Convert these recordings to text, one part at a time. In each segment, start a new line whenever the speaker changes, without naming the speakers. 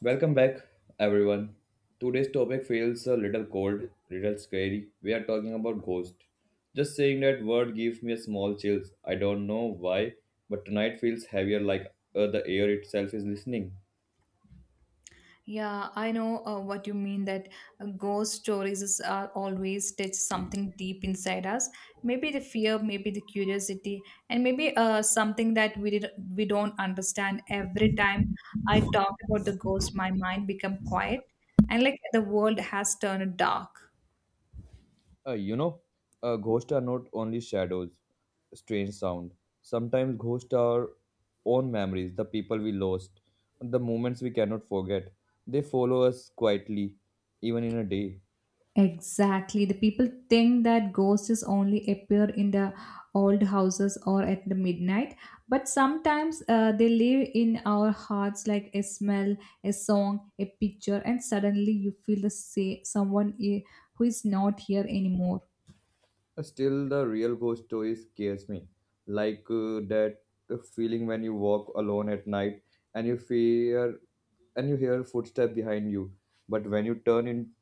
Welcome back, everyone. Today's topic feels a little cold, little scary. We are talking about ghost. Just saying that word gives me a small chills. I don't know why, but tonight feels heavier, like the air itself is listening.
Yeah, I know what you mean that ghost are always touch something deep inside us. Maybe the fear, maybe the curiosity, and maybe something that we don't understand. Every time I talk about the ghost, my mind become quiet, and like the world has turned dark.
Uh, you know, Ghosts are not only shadows, strange sound. Sometimes ghosts are own memories, the people we lost, the moments we cannot forget. They follow us quietly, even in a day.
Exactly. The people think that ghosts only appear in the old houses or at the midnight, but sometimes they live in our hearts like a smell, a song, a picture, and suddenly you feel the say who is not here anymore.
Still, the real ghost story scares me. Like that feeling when you walk alone at night and you fear and you hear footsteps behind you, but when you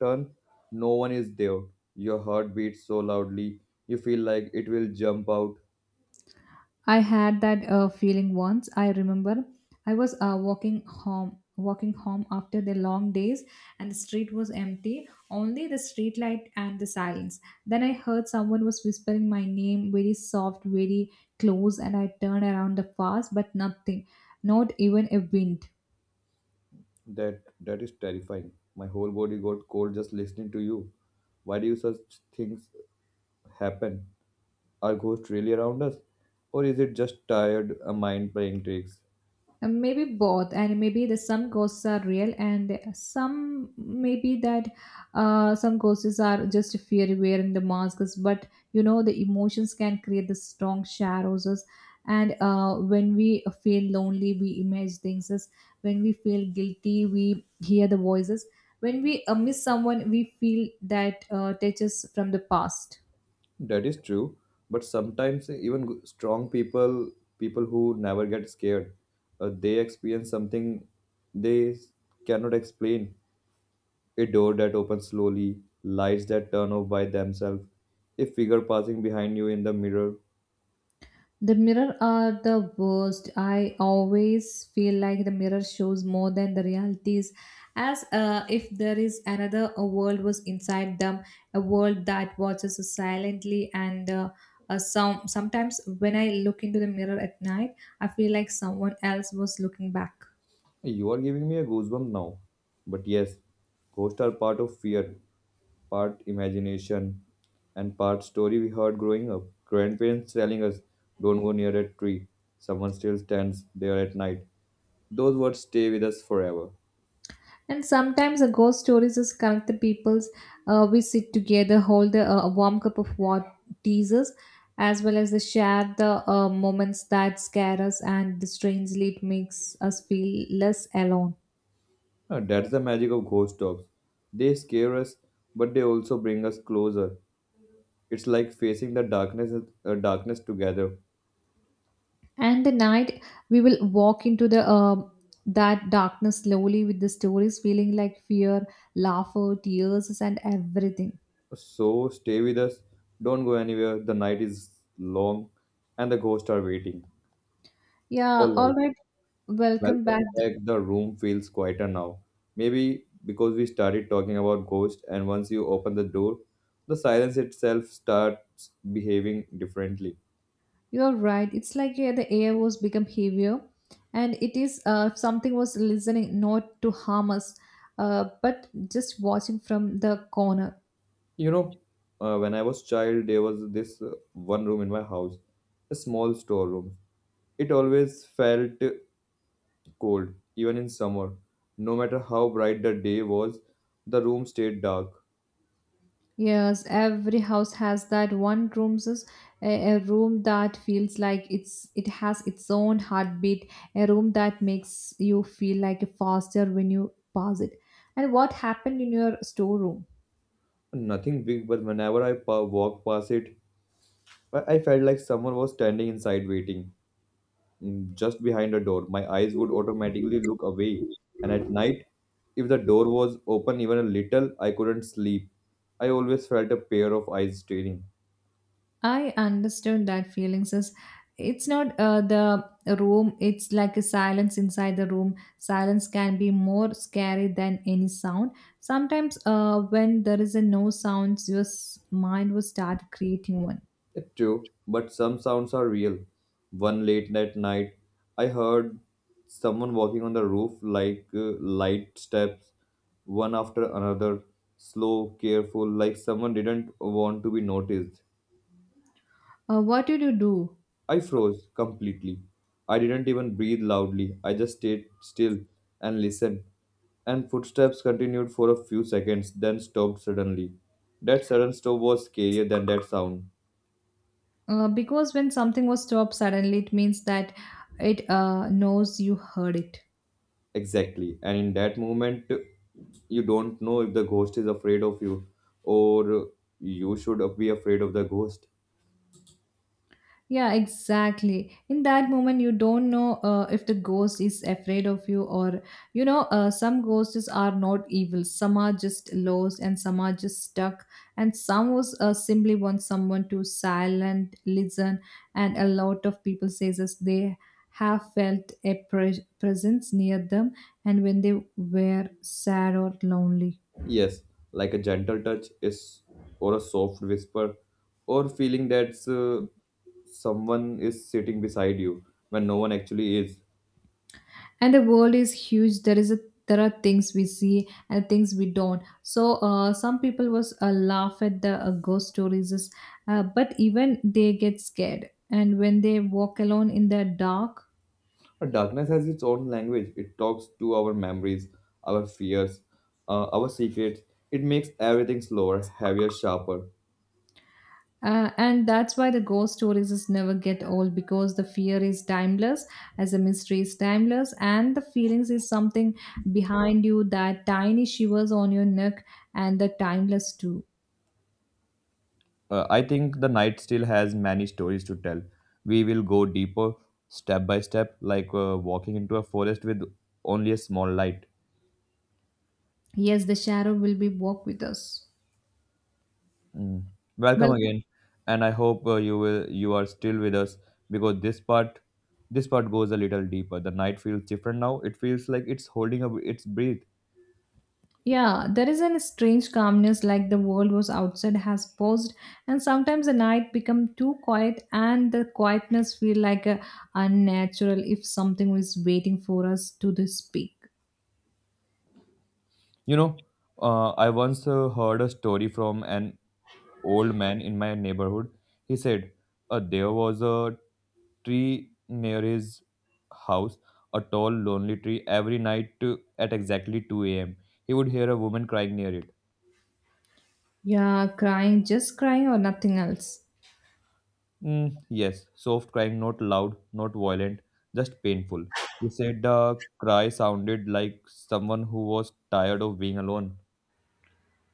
turn, no one is there. Your heart beats so loudly, you feel like it will jump out.
I had that feeling once. I remember I was walking home after the long days, and the street was empty, only the street light and the silence. Then I heard someone was whispering my name, very soft, very close, and I turned around the fast, but nothing, not even a wind.
That is terrifying. My whole body got cold just listening to you. Why do such things happen? Are ghosts really around us, or is it just tired a mind playing tricks?
Maybe both and maybe the some ghosts are real and some maybe that some ghosts are just fear wearing the masks, but you know the emotions can create the strong shadows and when we feel lonely we image things as when we feel guilty we hear the voices when we miss someone we feel that touches from the past.
That is true, but sometimes even strong people, people who never get scared, they experience something they cannot explain. A door that opens slowly, lights that turn off by themselves, a figure passing behind you in the mirror.
The mirror are the worst. I always feel like the mirror shows more than the realities, as if there is another a world was inside them, a world that watches us silently. And sometimes when I look into the mirror at night, I feel like someone else was looking back.
You are giving me a goosebump now. But yes, ghosts are part of fear, part imagination, and part story we heard growing up. Grandparents telling us, don't go near that tree. Someone still stands there at night. Those words stay with us forever.
And sometimes a ghost stories just connect the peoples. We sit together, hold a warm cup of what teasers, as well as the share the moments that scare us, and strangely it makes us feel less alone.
That's the magic of ghost dogs. They scare us, but they also bring us closer. It's like facing the darkness together.
And the night we will walk into the that darkness slowly with the stories, feeling like fear, laughter, tears, and everything.
So stay with us. Don't go anywhere. The night is long, and the ghosts are waiting.
Yeah,
All
all
right.
right. Welcome back.
Welcome back. The room feels quieter now. Maybe because we started talking about ghosts, and once you open the door, the silence itself starts behaving differently.
You're right. It's like yeah, the air was become heavier, and it is something was listening not to harm us, but just watching from the corner.
You know, when I was child, there was this one room in my house, a small storeroom. It always felt cold, even in summer. No matter how bright the day was, the room stayed dark.
Yes, every house has that one room, a room that feels like it has its own heartbeat, a room that makes you feel like faster when you pass it. And what happened in your storeroom?
Nothing big, but whenever I walked past it, I felt like someone was standing inside waiting. Just behind a door. My eyes would automatically look away, and at night, if the door was open even a little, I couldn't sleep. I always felt a pair of eyes staring.
I understood that feelings is it's not the room, it's like a silence inside the room, silence can be more scary than any sound. Sometimes when there is a no sounds your mind will start creating one.
It's true, but some sounds are real. One late that night, I heard someone walking on the roof like light steps, one after another, slow, careful, like someone didn't want to be noticed.
Uh, what did you do?
I froze completely. I didn't even breathe loudly. I just stayed still and listened. And footsteps continued for a few seconds, then stopped suddenly. That sudden stop was scarier than that sound.
Uh, because when something was stopped suddenly it means that it knows you heard it.
Exactly. And in that moment, you don't know if the ghost is afraid of you or you should be afraid of the ghost.
Yeah, exactly. In that moment, you don't know if the ghost is afraid of you, or you know, some ghosts are not evil. Some are just lost, and some are just stuck, and some was simply want someone to silent listen. And a lot of people says this they have felt a presence near them, and when they were sad or lonely.
Yes, like a gentle touch is or a soft whisper or feeling that someone is sitting beside you when no one actually is.
And the world is huge, there is a there are things we see and things we don't, so some people was laugh at the ghost stories, but even they get scared and when they walk alone in the dark.
But darkness has its own language. It talks to our memories, our fears, our secrets. It makes everything slower, heavier, sharper.
Uh, and that's why the ghost stories is never get old because the fear is timeless as a mystery is timeless and the feelings is something behind you, that tiny shivers on your neck, and the timeless too.
I think the night still has many stories to tell. We will go deeper, step by step, like walking into a forest with only a small light.
Yes, the shadow will be walk with us.
Mm.
Well,
Welcome again, and I hope you are still with us because this part goes a little deeper. The night feels different now. It feels like it's holding up its breath.
yeah, there is an strange calmness like the world was outside has paused, and sometimes the night become too quiet and the quietness feel like a unnatural if something is waiting for us to the speak.
You know, I once heard a story from an old man in my neighborhood. He said there was a tree near his house, a tall, lonely tree. Every night at exactly 2 a.m., he would hear a woman crying near it.
Yeah, crying, just crying or nothing else?
Mm, yes, soft crying, not loud, not violent, just painful. He said the cry sounded like someone who was tired of being alone.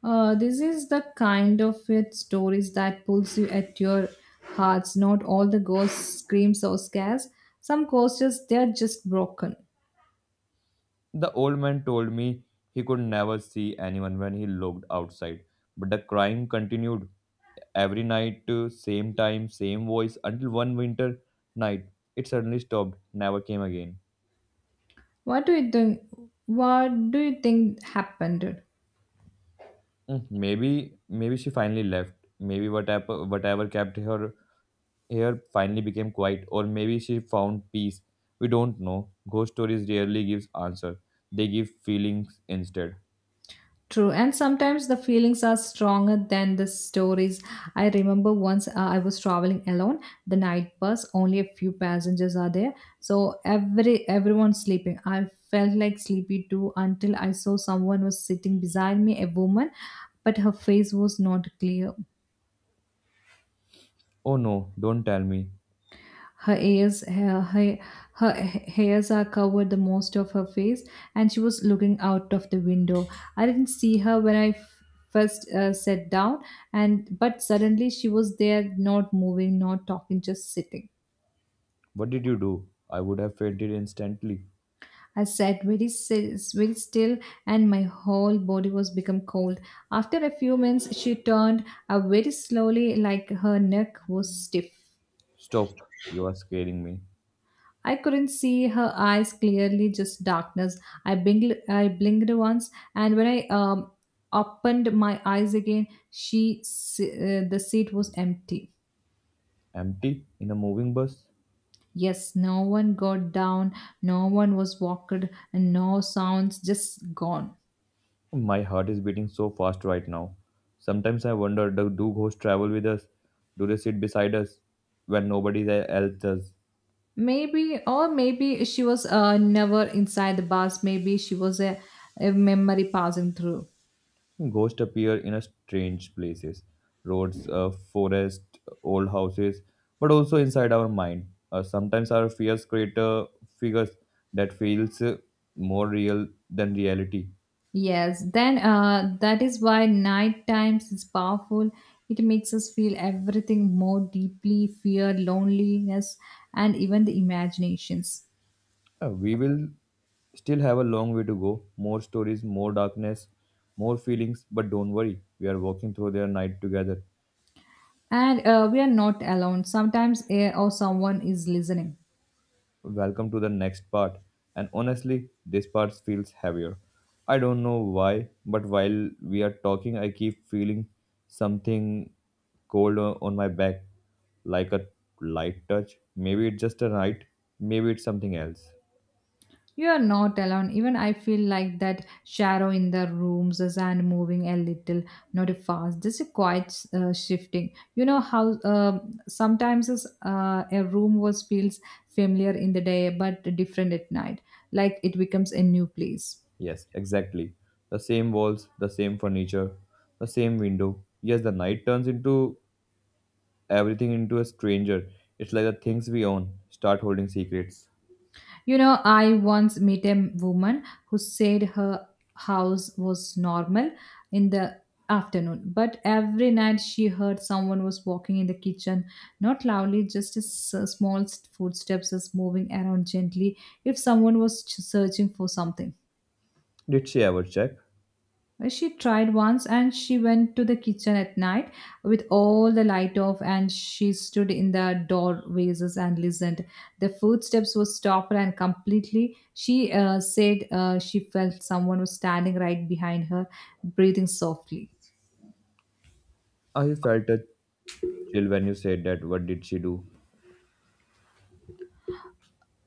This is the kind of it stories that pulls you at your hearts. Not all the ghosts screams or scares. Some ghosts just they're just broken.
The old man told me he could never see anyone when he looked outside. But the crying continued every night, same time, same voice, until one winter night it suddenly stopped, never came again.
What do you think? What do you think happened?
Maybe she finally left. Maybe whatever kept her air finally became quiet, or maybe she found peace. We don't know. Ghost stories rarely gives answer. They give feelings instead.
True, and sometimes the feelings are stronger than the stories. I remember once I was traveling alone, the night bus, only a few passengers are there, so everyone's sleeping. I felt like sleepy too until I saw someone was sitting beside me, a woman, but her face was not clear.
Oh no, don't tell me.
Her ears, her hairs are covered the most of her face, and she was looking out of the window. I didn't see her when I first sat down, and but suddenly she was there, not moving, not talking, just sitting.
What did you do? I would have fainted instantly.
I sat very still, and my whole body was become cold. After a few minutes, she turned very slowly, like her neck was stiff.
Stop. You are scaring me.
I couldn't see her eyes clearly, just darkness. I blinked once, and when I opened my eyes again, the seat was empty.
Empty? In a moving bus?
Yes, no one got down, no one was walked, and no sounds, just gone.
My heart is beating so fast right now. Sometimes I wonder do ghosts travel with us? Do they sit beside us when nobody else does?
Maybe, or maybe she was never inside the bus. Maybe she was a memory passing through.
Ghosts appear in a strange places, roads, forest, old houses, but also inside our mind. Sometimes our fears create figures that feels more real than reality.
Yes, then that is why night times is powerful. It makes us feel everything more deeply fear, loneliness, and even the imaginations.
We will still have a long way to go. More stories, more darkness, more feelings. But don't worry, we are walking through their night together.
And we are not alone. Sometimes air or someone is listening.
Welcome to the next part. And honestly, this part feels heavier. I don't know why, but while we are talking, I keep feeling something cold on my back, like a light touch. Maybe it's just a night, maybe it's something else.
You are not alone. Even I feel like that shadow in the rooms is and moving a little, not a fast, just a quiet shifting. You know how sometimes is, a room was feels familiar in the day but different at night, like it becomes a new place.
Yes, exactly. The same walls, the same furniture, the same window. Yes, the night turns into everything into a stranger. It's like the things we own start holding secrets.
You know, I once met a woman who said her house was normal in the afternoon, but every night she heard someone was walking in the kitchen, not loudly, just as small footsteps as moving around gently, if someone was searching for something.
Did she ever check?
She tried once and she went to the kitchen at night with all the light off and she stood in the doorways and listened. The footsteps were stopped and completely she said she felt someone was standing right behind her, breathing softly.
I felt a chill when you said that. What did she do?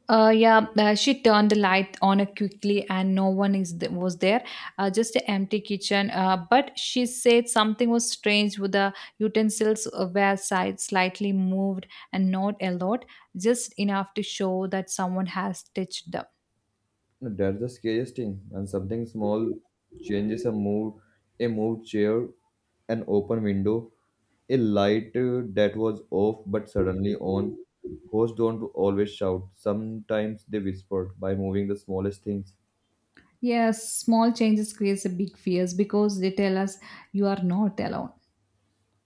Yeah, she turned the light on quickly, and no one was there. Just an empty kitchen. But she said something was strange with the utensils were side slightly moved and not a lot, just enough to show that someone has touched them.
That's the scariest thing. And something small changes a mood a moved chair, an open window, a light that was off but suddenly on. Ghosts don't always shout. Sometimes they whisper by moving the smallest things.
Yes, small changes creates a big fears because they tell us you are not alone.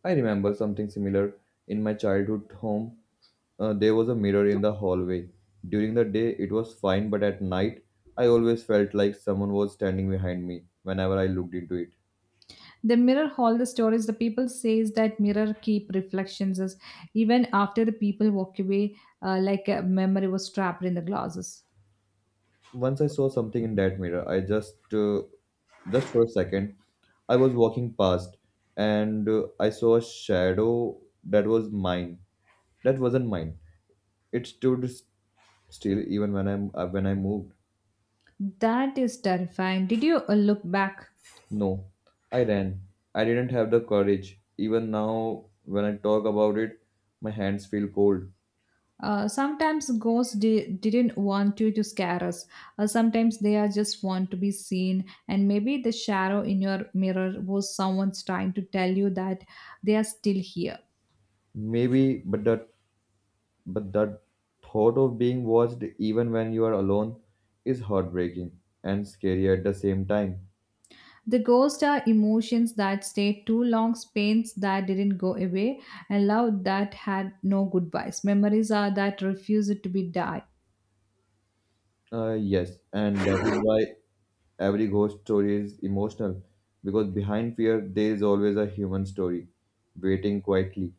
I remember something similar in my childhood home. There was a mirror in the hallway. During the day, it was fine, but at night, I always felt like someone was standing behind me whenever I looked into it.
The mirror hall, the stories. The people says that mirror keep reflections as even after the people walk away, like a memory was trapped in the glasses.
Once I saw something in that mirror, I just for a second, I was walking past and I saw a shadow that was mine. That wasn't mine. It stood still even when I moved.
That is terrifying. Did you look back?
No, I ran. I didn't have the courage. Even now, when I talk about it, my hands feel cold.
Sometimes ghosts didn't want you to scare us. Sometimes they are just want to be seen, and maybe the shadow in your mirror was someone's trying to tell you that they are still here.
Maybe, but that thought of being watched even when you are alone is heartbreaking and scary at the same time.
The ghosts are emotions that stayed too long, pains that didn't go away, and love that had no goodbyes. Memories are that refused to be died.
Yes, and that is why every ghost story is emotional because behind fear there is always a human story waiting quietly.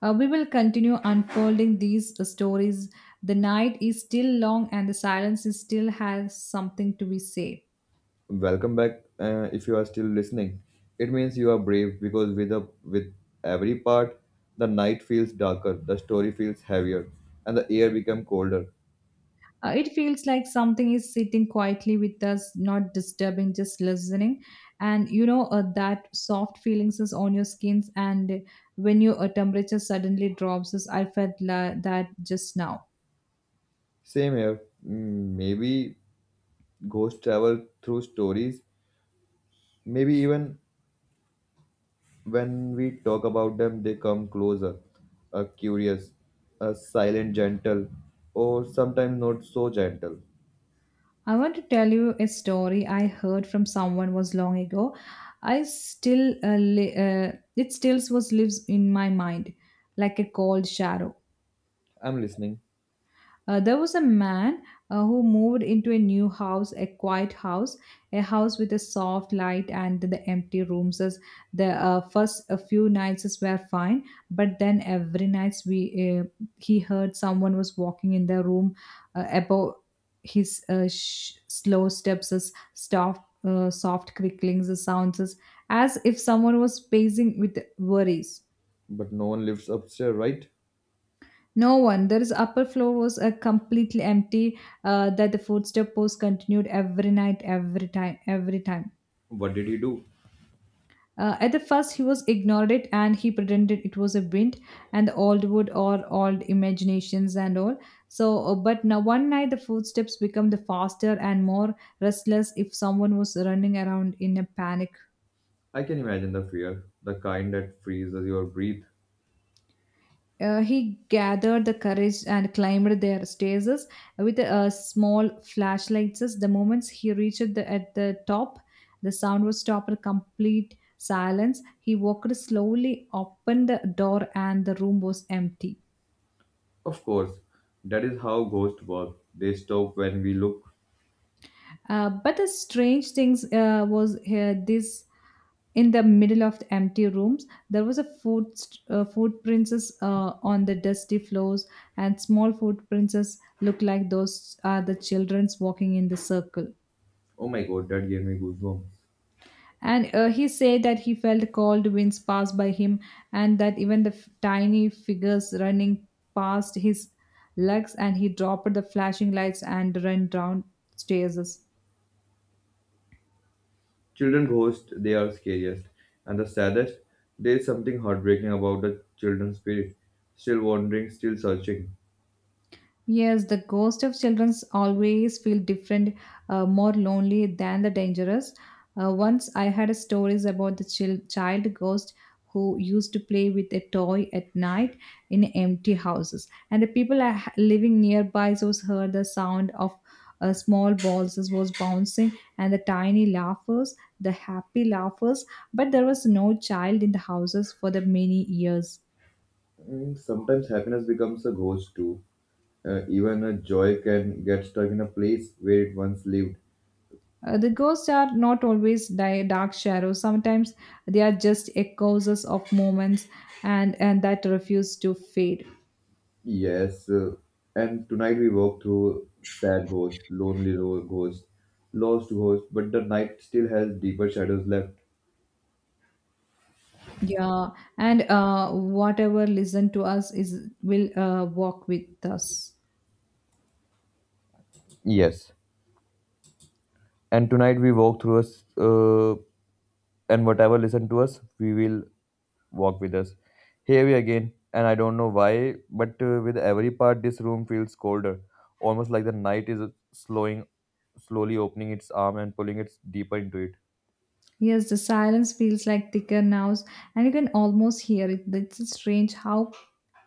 We will continue unfolding these stories. The night is still long and the silence is still has something to be said.
Welcome back if you are still listening. It means you are brave because with every part the night feels darker, the story feels heavier and the air become colder.
It feels like something is sitting quietly with us, not disturbing, just listening. And you know that soft feelings is on your skins, and when your temperature suddenly drops, is I felt that just now.
Same here. Maybe ghosts travel through stories, maybe even when we talk about them, they come closer, curious, silent, gentle, or sometimes not so gentle.
I want to tell you a story I heard from someone was long ago. I still it still was lives in my mind like a cold shadow.
I'm listening,
There was a man who moved into a new house, a quiet house, a house with a soft light and the empty rooms. As the first a few nights were fine, but then every night we he heard someone was walking in the room above his slow steps, as soft, soft cricklings, the sounds as if someone was pacing with worries.
but no one lives upstairs, right?
No wonder his upper floor was completely empty. That the footstep post continued every night, every time.
What did he do?
At the first, he was ignored it and he pretended it was a wind and the old wood or old imaginations and all. So, but now one night the footsteps become the faster and more restless if someone was running around in a panic.
I can imagine the fear, the kind that freezes your breath.
He gathered the courage and climbed their stages with small flashlights. The moment he reached the, at the top, the sound was stopped complete silence. He walked slowly, opened the door, and the room was empty.
Of course, that is how ghosts work. They stop when we look.
But the strange things was here this in the middle of the empty rooms there was a footprints on the dusty floors and small footprints looked like those are the children's walking in the circle
Oh my god, that gave me goosebumps.
and he said that he felt cold winds pass by him and that even the tiny figures running past his legs, and he dropped the flashing lights and ran down stairs.
Children ghosts, they are scariest. And the saddest, there is something heartbreaking about the children's spirit. Still wandering, still searching.
Yes, the ghost of childrens always feel different, more lonely than the dangerous. Once I had stories about the child ghost who used to play with a toy at night in empty houses, and the people are living nearby so heard the sound of small balls as was bouncing and the tiny laughers, the happy laughers. But there was no child in the houses for the many years.
And sometimes happiness becomes a ghost too. Even a joy can get stuck in a place where it once lived.
The ghosts are not always dark shadows. Sometimes they are just echoes of moments and that refuse to fade.
Yes, and tonight we walk through sad ghost, lonely ghost, lost ghost, but the night still has deeper shadows left.
Yeah, and whatever listen to us is will walk with us.
Yes, and tonight we walk through and whatever listen to us we will walk with us here we again and I don't know why but with every part this room feels colder, almost like the night is slowing slowly opening its arm and pulling it deeper into it.
Yes, the silence feels like thicker now, and you can almost hear it. It's strange how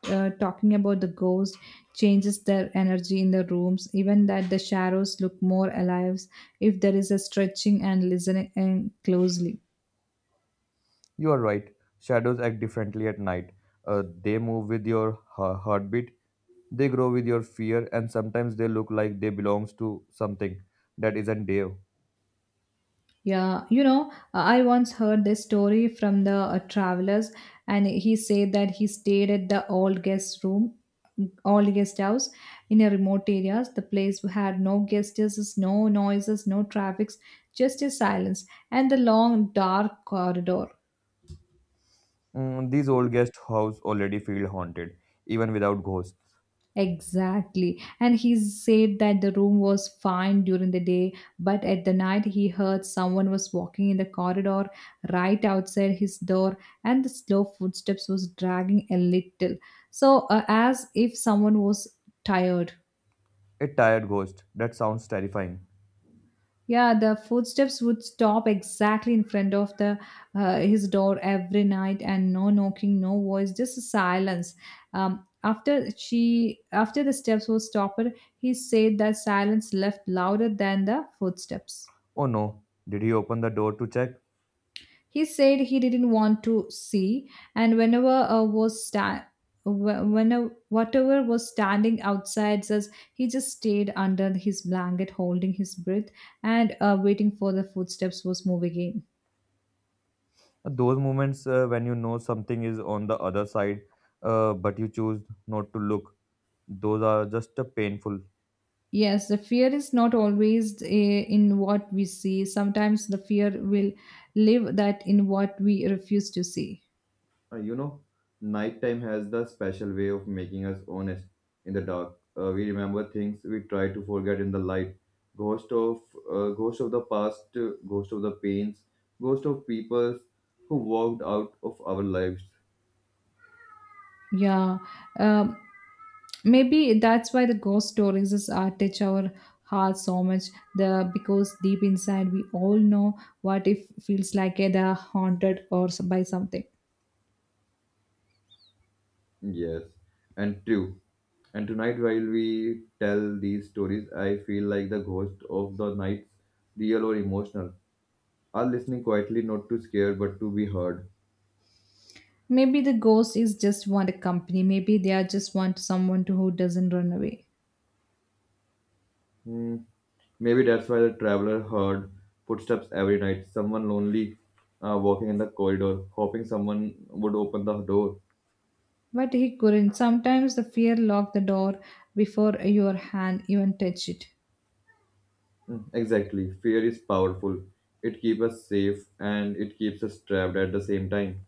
talking about the ghost changes their energy in the rooms, even that the shadows look more alive if there is a stretching and listening and closely.
You are right, shadows act differently at night. They move with your heartbeat. They grow with your fear, and sometimes they look like they belongs to something that isn't there.
Yeah, you know, I once heard this story from the travelers, and he said that he stayed at the old guest room, old guest house in a remote areas. The place had no guests, no noises, no traffics, just a silence and the long dark corridor.
Mm, these old guest house already feel haunted, even without ghosts.
Exactly. And he said that the room was fine during the day, but at the night he heard someone was walking in the corridor right outside his door, and the slow footsteps was dragging a little. So, as if someone was tired.
A tired ghost. That sounds terrifying.
Yeah, the footsteps would stop exactly in front of the his door every night, and no knocking, no voice, just silence. After after the steps were stopped, he said that silence left louder than the footsteps.
Oh no, did he open the door to check?
He said he didn't want to see, and whenever whatever was standing outside us, he just stayed under his blanket, holding his breath and waiting for the footsteps was moving in.
Those moments when you know something is on the other side, but you choose not to look, those are just painful.
Yes, the fear is not always in what we see. Sometimes the fear will live that in what we refuse to see.
Uh, you know, Nighttime has the special way of making us honest in the dark. We remember things we try to forget in the light. Ghost of ghost of the past, ghost of the pains, ghost of people who walked out of our lives.
Yeah, um, maybe that's why the ghost stories is touch our heart so much. The because deep inside we all know what if feels like are haunted or by something.
Yes, and true. And tonight, while we tell these stories, I feel like the ghost of the nights, real or emotional, are listening quietly, not to scare, but to be heard.
Maybe the ghost is just want a company. Maybe they are just want someone to, who doesn't run away.
Hmm. Maybe that's why the traveler heard footsteps every night, someone lonely walking in the corridor, hoping someone would open the door.
But he couldn't. Sometimes the fear locked the door before your hand even touched it.
Exactly, fear is powerful. It keeps us safe and it keeps us trapped at the same time.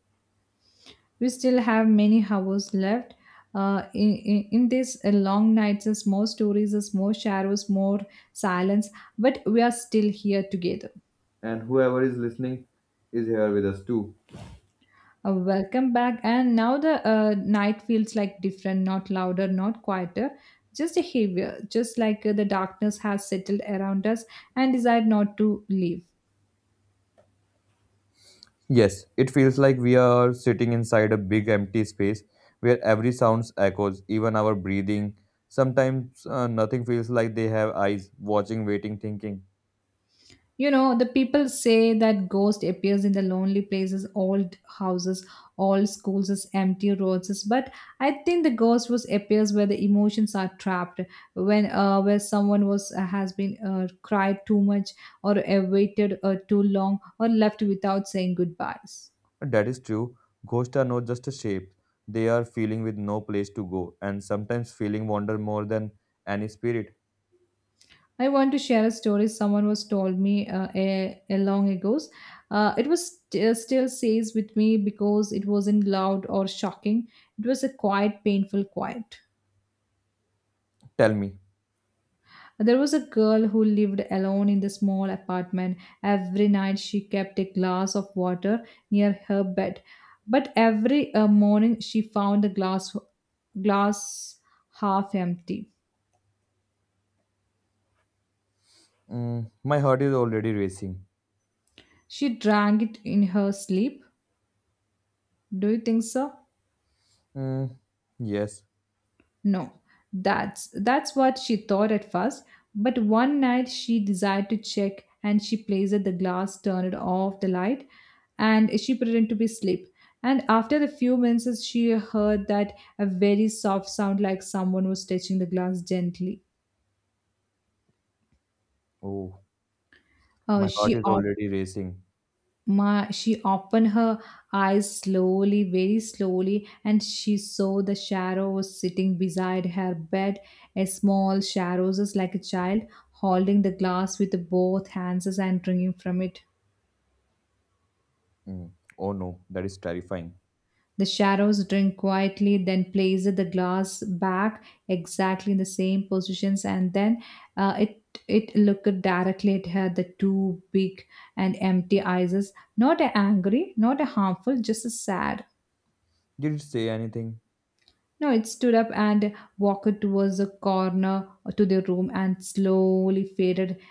We still have many hours left. In these long nights, there's more stories, there's more shadows, more silence, but we are still here together.
And whoever is listening is here with us too.
Welcome back. And now the night feels like different, not louder, not quieter, just heavier, just like the darkness has settled around us and decided not to leave.
Yes, it feels like we are sitting inside a big empty space where every sound echoes, even our breathing. Sometimes nothing feels like they have eyes, watching, waiting, thinking.
You know, the people say that ghost appears in the lonely places, old houses, old schools, as empty roads. But I think the ghost was appears where the emotions are trapped, when where someone was has been cried too much, or waited too long, or left without saying goodbyes.
That is true. Ghosts are not just a shape, they are feeling with no place to go, and sometimes feeling wander more than any spirit.
I want to share a story someone was told me a long ago. It was still stays with me because it wasn't loud or shocking. It was a quiet, painful quiet.
Tell me.
There was a girl who lived alone in the small apartment. Every night she kept a glass of water near her bed, but every morning she found the glass half empty.
Mm, my heart is already racing.
She drank it in her sleep. Do you think so?
Mm, yes.
No, that's what she thought at first, but one night she decided to check, and she placed the glass, turned off the light, and she pretended to be asleep. And after a few minutes she heard that a very soft sound like someone was touching the glass gently.
Oh,
Uh,
my heart
she
is already racing.
She opened her eyes slowly, very slowly, and she saw the shadow was sitting beside her bed. A small shadow, just like a child, holding the glass with both hands and drinking from it.
Mm, oh no, that is terrifying.
The shadows drink quietly, then placed the glass back exactly in the same positions, and then uh, it it looked directly at her. The two big and empty eyes, not angry, not harmful, just sad.
Did it say anything?
No, it stood up and walked towards the corner to the room and slowly faded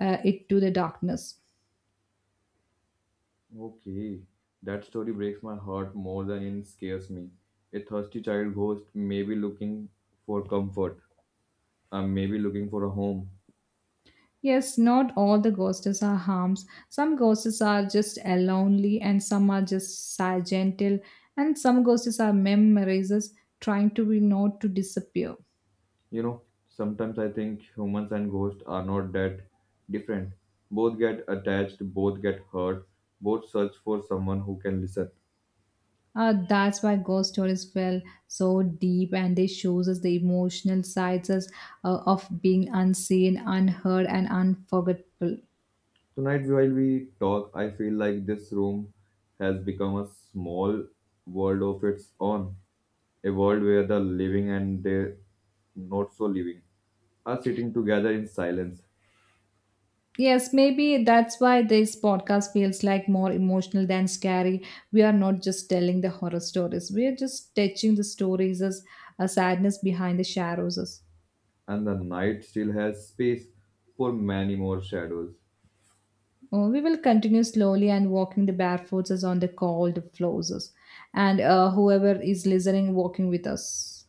it to the darkness.
Okay, that story breaks my heart more than it scares me. A thirsty child ghost may be looking for comfort, maybe looking for a home.
Yes, not all the ghosts are harms. Some ghosts are just lonely, and some are just sad, gentle, and some ghosts are memorizers trying to be not to disappear.
You know, sometimes I think humans and ghosts are not that different. Both get attached, both get hurt, both search for someone who can listen.
That's why ghost stories fell so deep, and they shows us the emotional sides us, of being unseen, unheard, and unforgettable.
Tonight, while we talk, I feel like this room has become a small world of its own, a world where the living and the not so living are sitting together in silence,
Yes, maybe that's why this podcast feels like more emotional than scary. We are not just telling the horror stories, we are just touching the stories as a sadness behind the shadows. As-
and the night still has space for many more shadows.
Oh, we will continue slowly and walking the barefoots as on the cold floors. As- And whoever is listening, walking with us.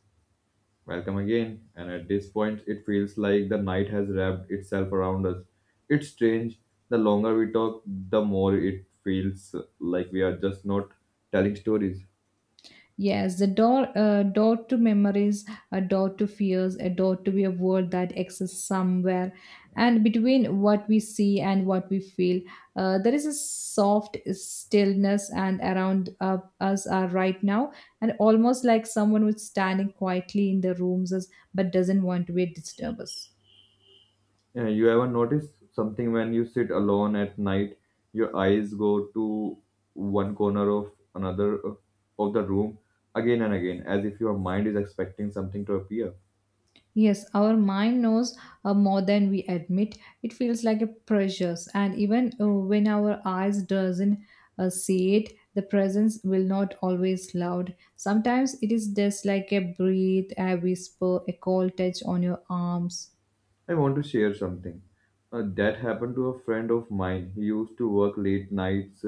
Welcome again, and at this point, it feels like the night has wrapped itself around us. It's strange, the longer we talk, the more it feels like we are just not telling stories.
Yes, the door, door to memories, a door to fears, a door to be a world that exists somewhere. And between what we see and what we feel, there is a soft stillness, and around us are right now, and almost like someone who's standing quietly in the rooms, as- but doesn't want to be a disturbance.
Yeah, you ever notice something when you sit alone at night, your eyes go to one corner of another, of the room again and again, as if your mind is expecting something to appear.
Yes, our mind knows more than we admit. It feels like a precious, and even when our eyes doesn't see it, the presence will not always loud. Sometimes it is just like a breath, a whisper, a cold touch on your arms.
I want to share something that happened to a friend of mine. He used to work late nights.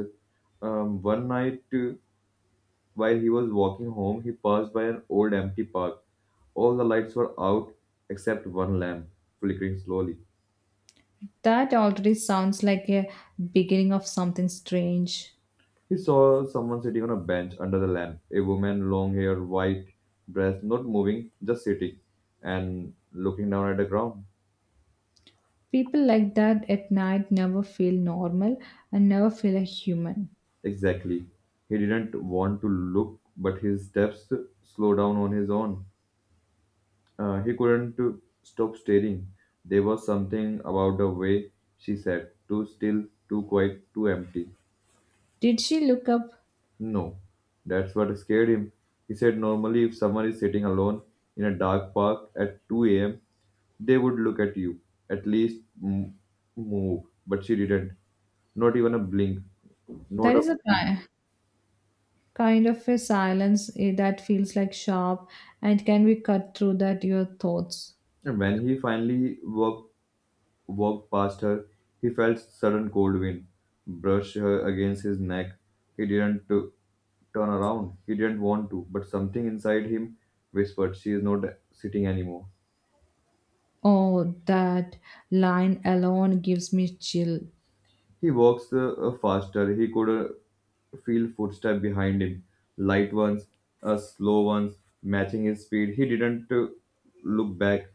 One night, while he was walking home, he passed by an old empty park. All the lights were out except one lamp flickering slowly.
That already sounds like a beginning of something strange.
He saw someone sitting on a bench under the lamp, a woman, long hair, white dress, not moving, just sitting and looking down at the ground.
People like that at night never feel normal and never feel a human.
Exactly. He didn't want to look, but his steps slowed down on his own. He couldn't stop staring. There was something about the way she sat, too still, too quiet, too empty.
Did she look up?
No, that's what scared him. He said normally, if someone is sitting alone in a dark park at 2 a.m., they would look at you, at least move. But she didn't. Not even a blink. Not
That
a
is a
peep.
time kind of a silence that feels like sharp and can be cut through that your thoughts.
And when he finally walked past her, he felt sudden cold wind brush her against his neck. He didn't turn around. He didn't want to, but something inside him whispered, "She is not sitting anymore."
Oh, that line alone gives me chill.
He walks faster. He could feel footsteps behind him, light ones, slow ones, matching his speed. He didn't look back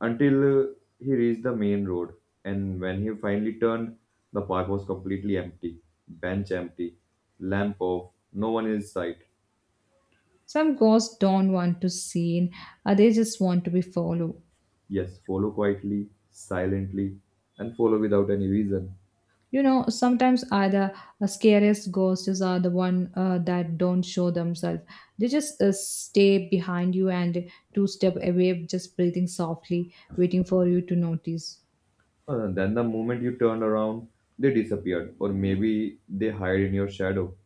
until he reached the main road. And when he finally turned, the park was completely empty. Bench empty, lamp off, no one in sight.
Some ghosts don't want to seen, they just want to be followed.
Yes, follow quietly, silently, and follow without any reason.
You know, sometimes are the scariest ghosts are the one that don't show themselves, they just stay behind you and two step away, just breathing softly, waiting for you to notice.
Then the moment you turned around, they disappeared, or maybe they hide in your shadow.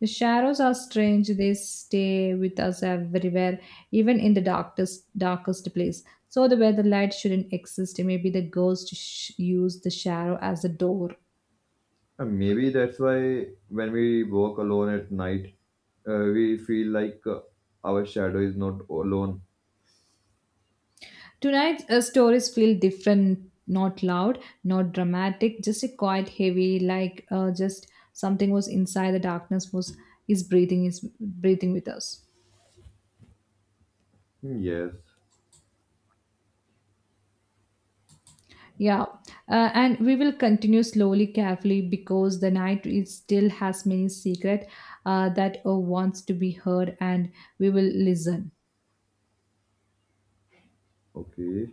The shadows are strange. They stay with us everywhere, even in the darkest, darkest place. So the where the light shouldn't exist, maybe the ghost used the shadow as a door.
Maybe that's why when we walk alone at night, we feel like our shadow is not alone.
Tonight's stories feel different, not loud, not dramatic, just a quiet, heavy, like just something was inside the darkness was is breathing with us.
Hmm. Yes,
Yeah, and we will continue slowly, carefully, because the night is still has many secret that wants to be heard, and we will listen.
okay.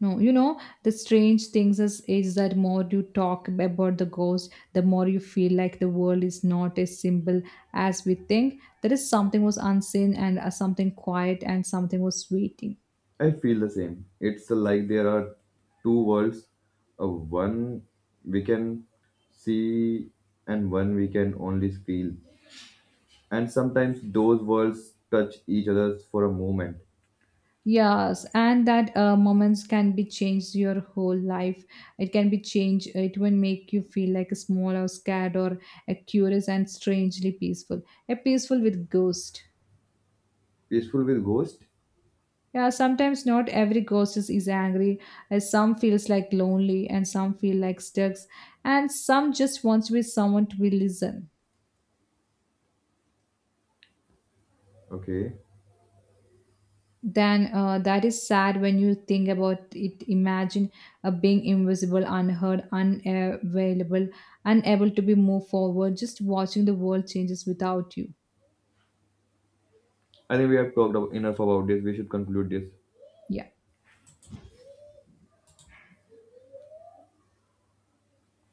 No, you know the strange things is that more you talk about the ghost, the more you feel like the world is not as simple as we think. There is something was unseen and something quiet and something was waiting.
I feel the same. It's like there are two worlds. One we can see and one we can only feel. And sometimes those worlds touch each other for a moment.
Yes, and that moments can be changed your whole life. It can be changed. It will make you feel like a small or scared or a curious and strangely peaceful. A peaceful with ghost.
Peaceful with ghost?
Yeah, sometimes not every is angry. Some feels like lonely and some feel like stuck and some just wants to be someone to be listen.
Okay.
Then that is sad when you think about it. Imagine being invisible, unheard, unavailable, unable to be moved forward, just watching the world changes without you.
I think we have talked enough about this. We should conclude this.
Yeah.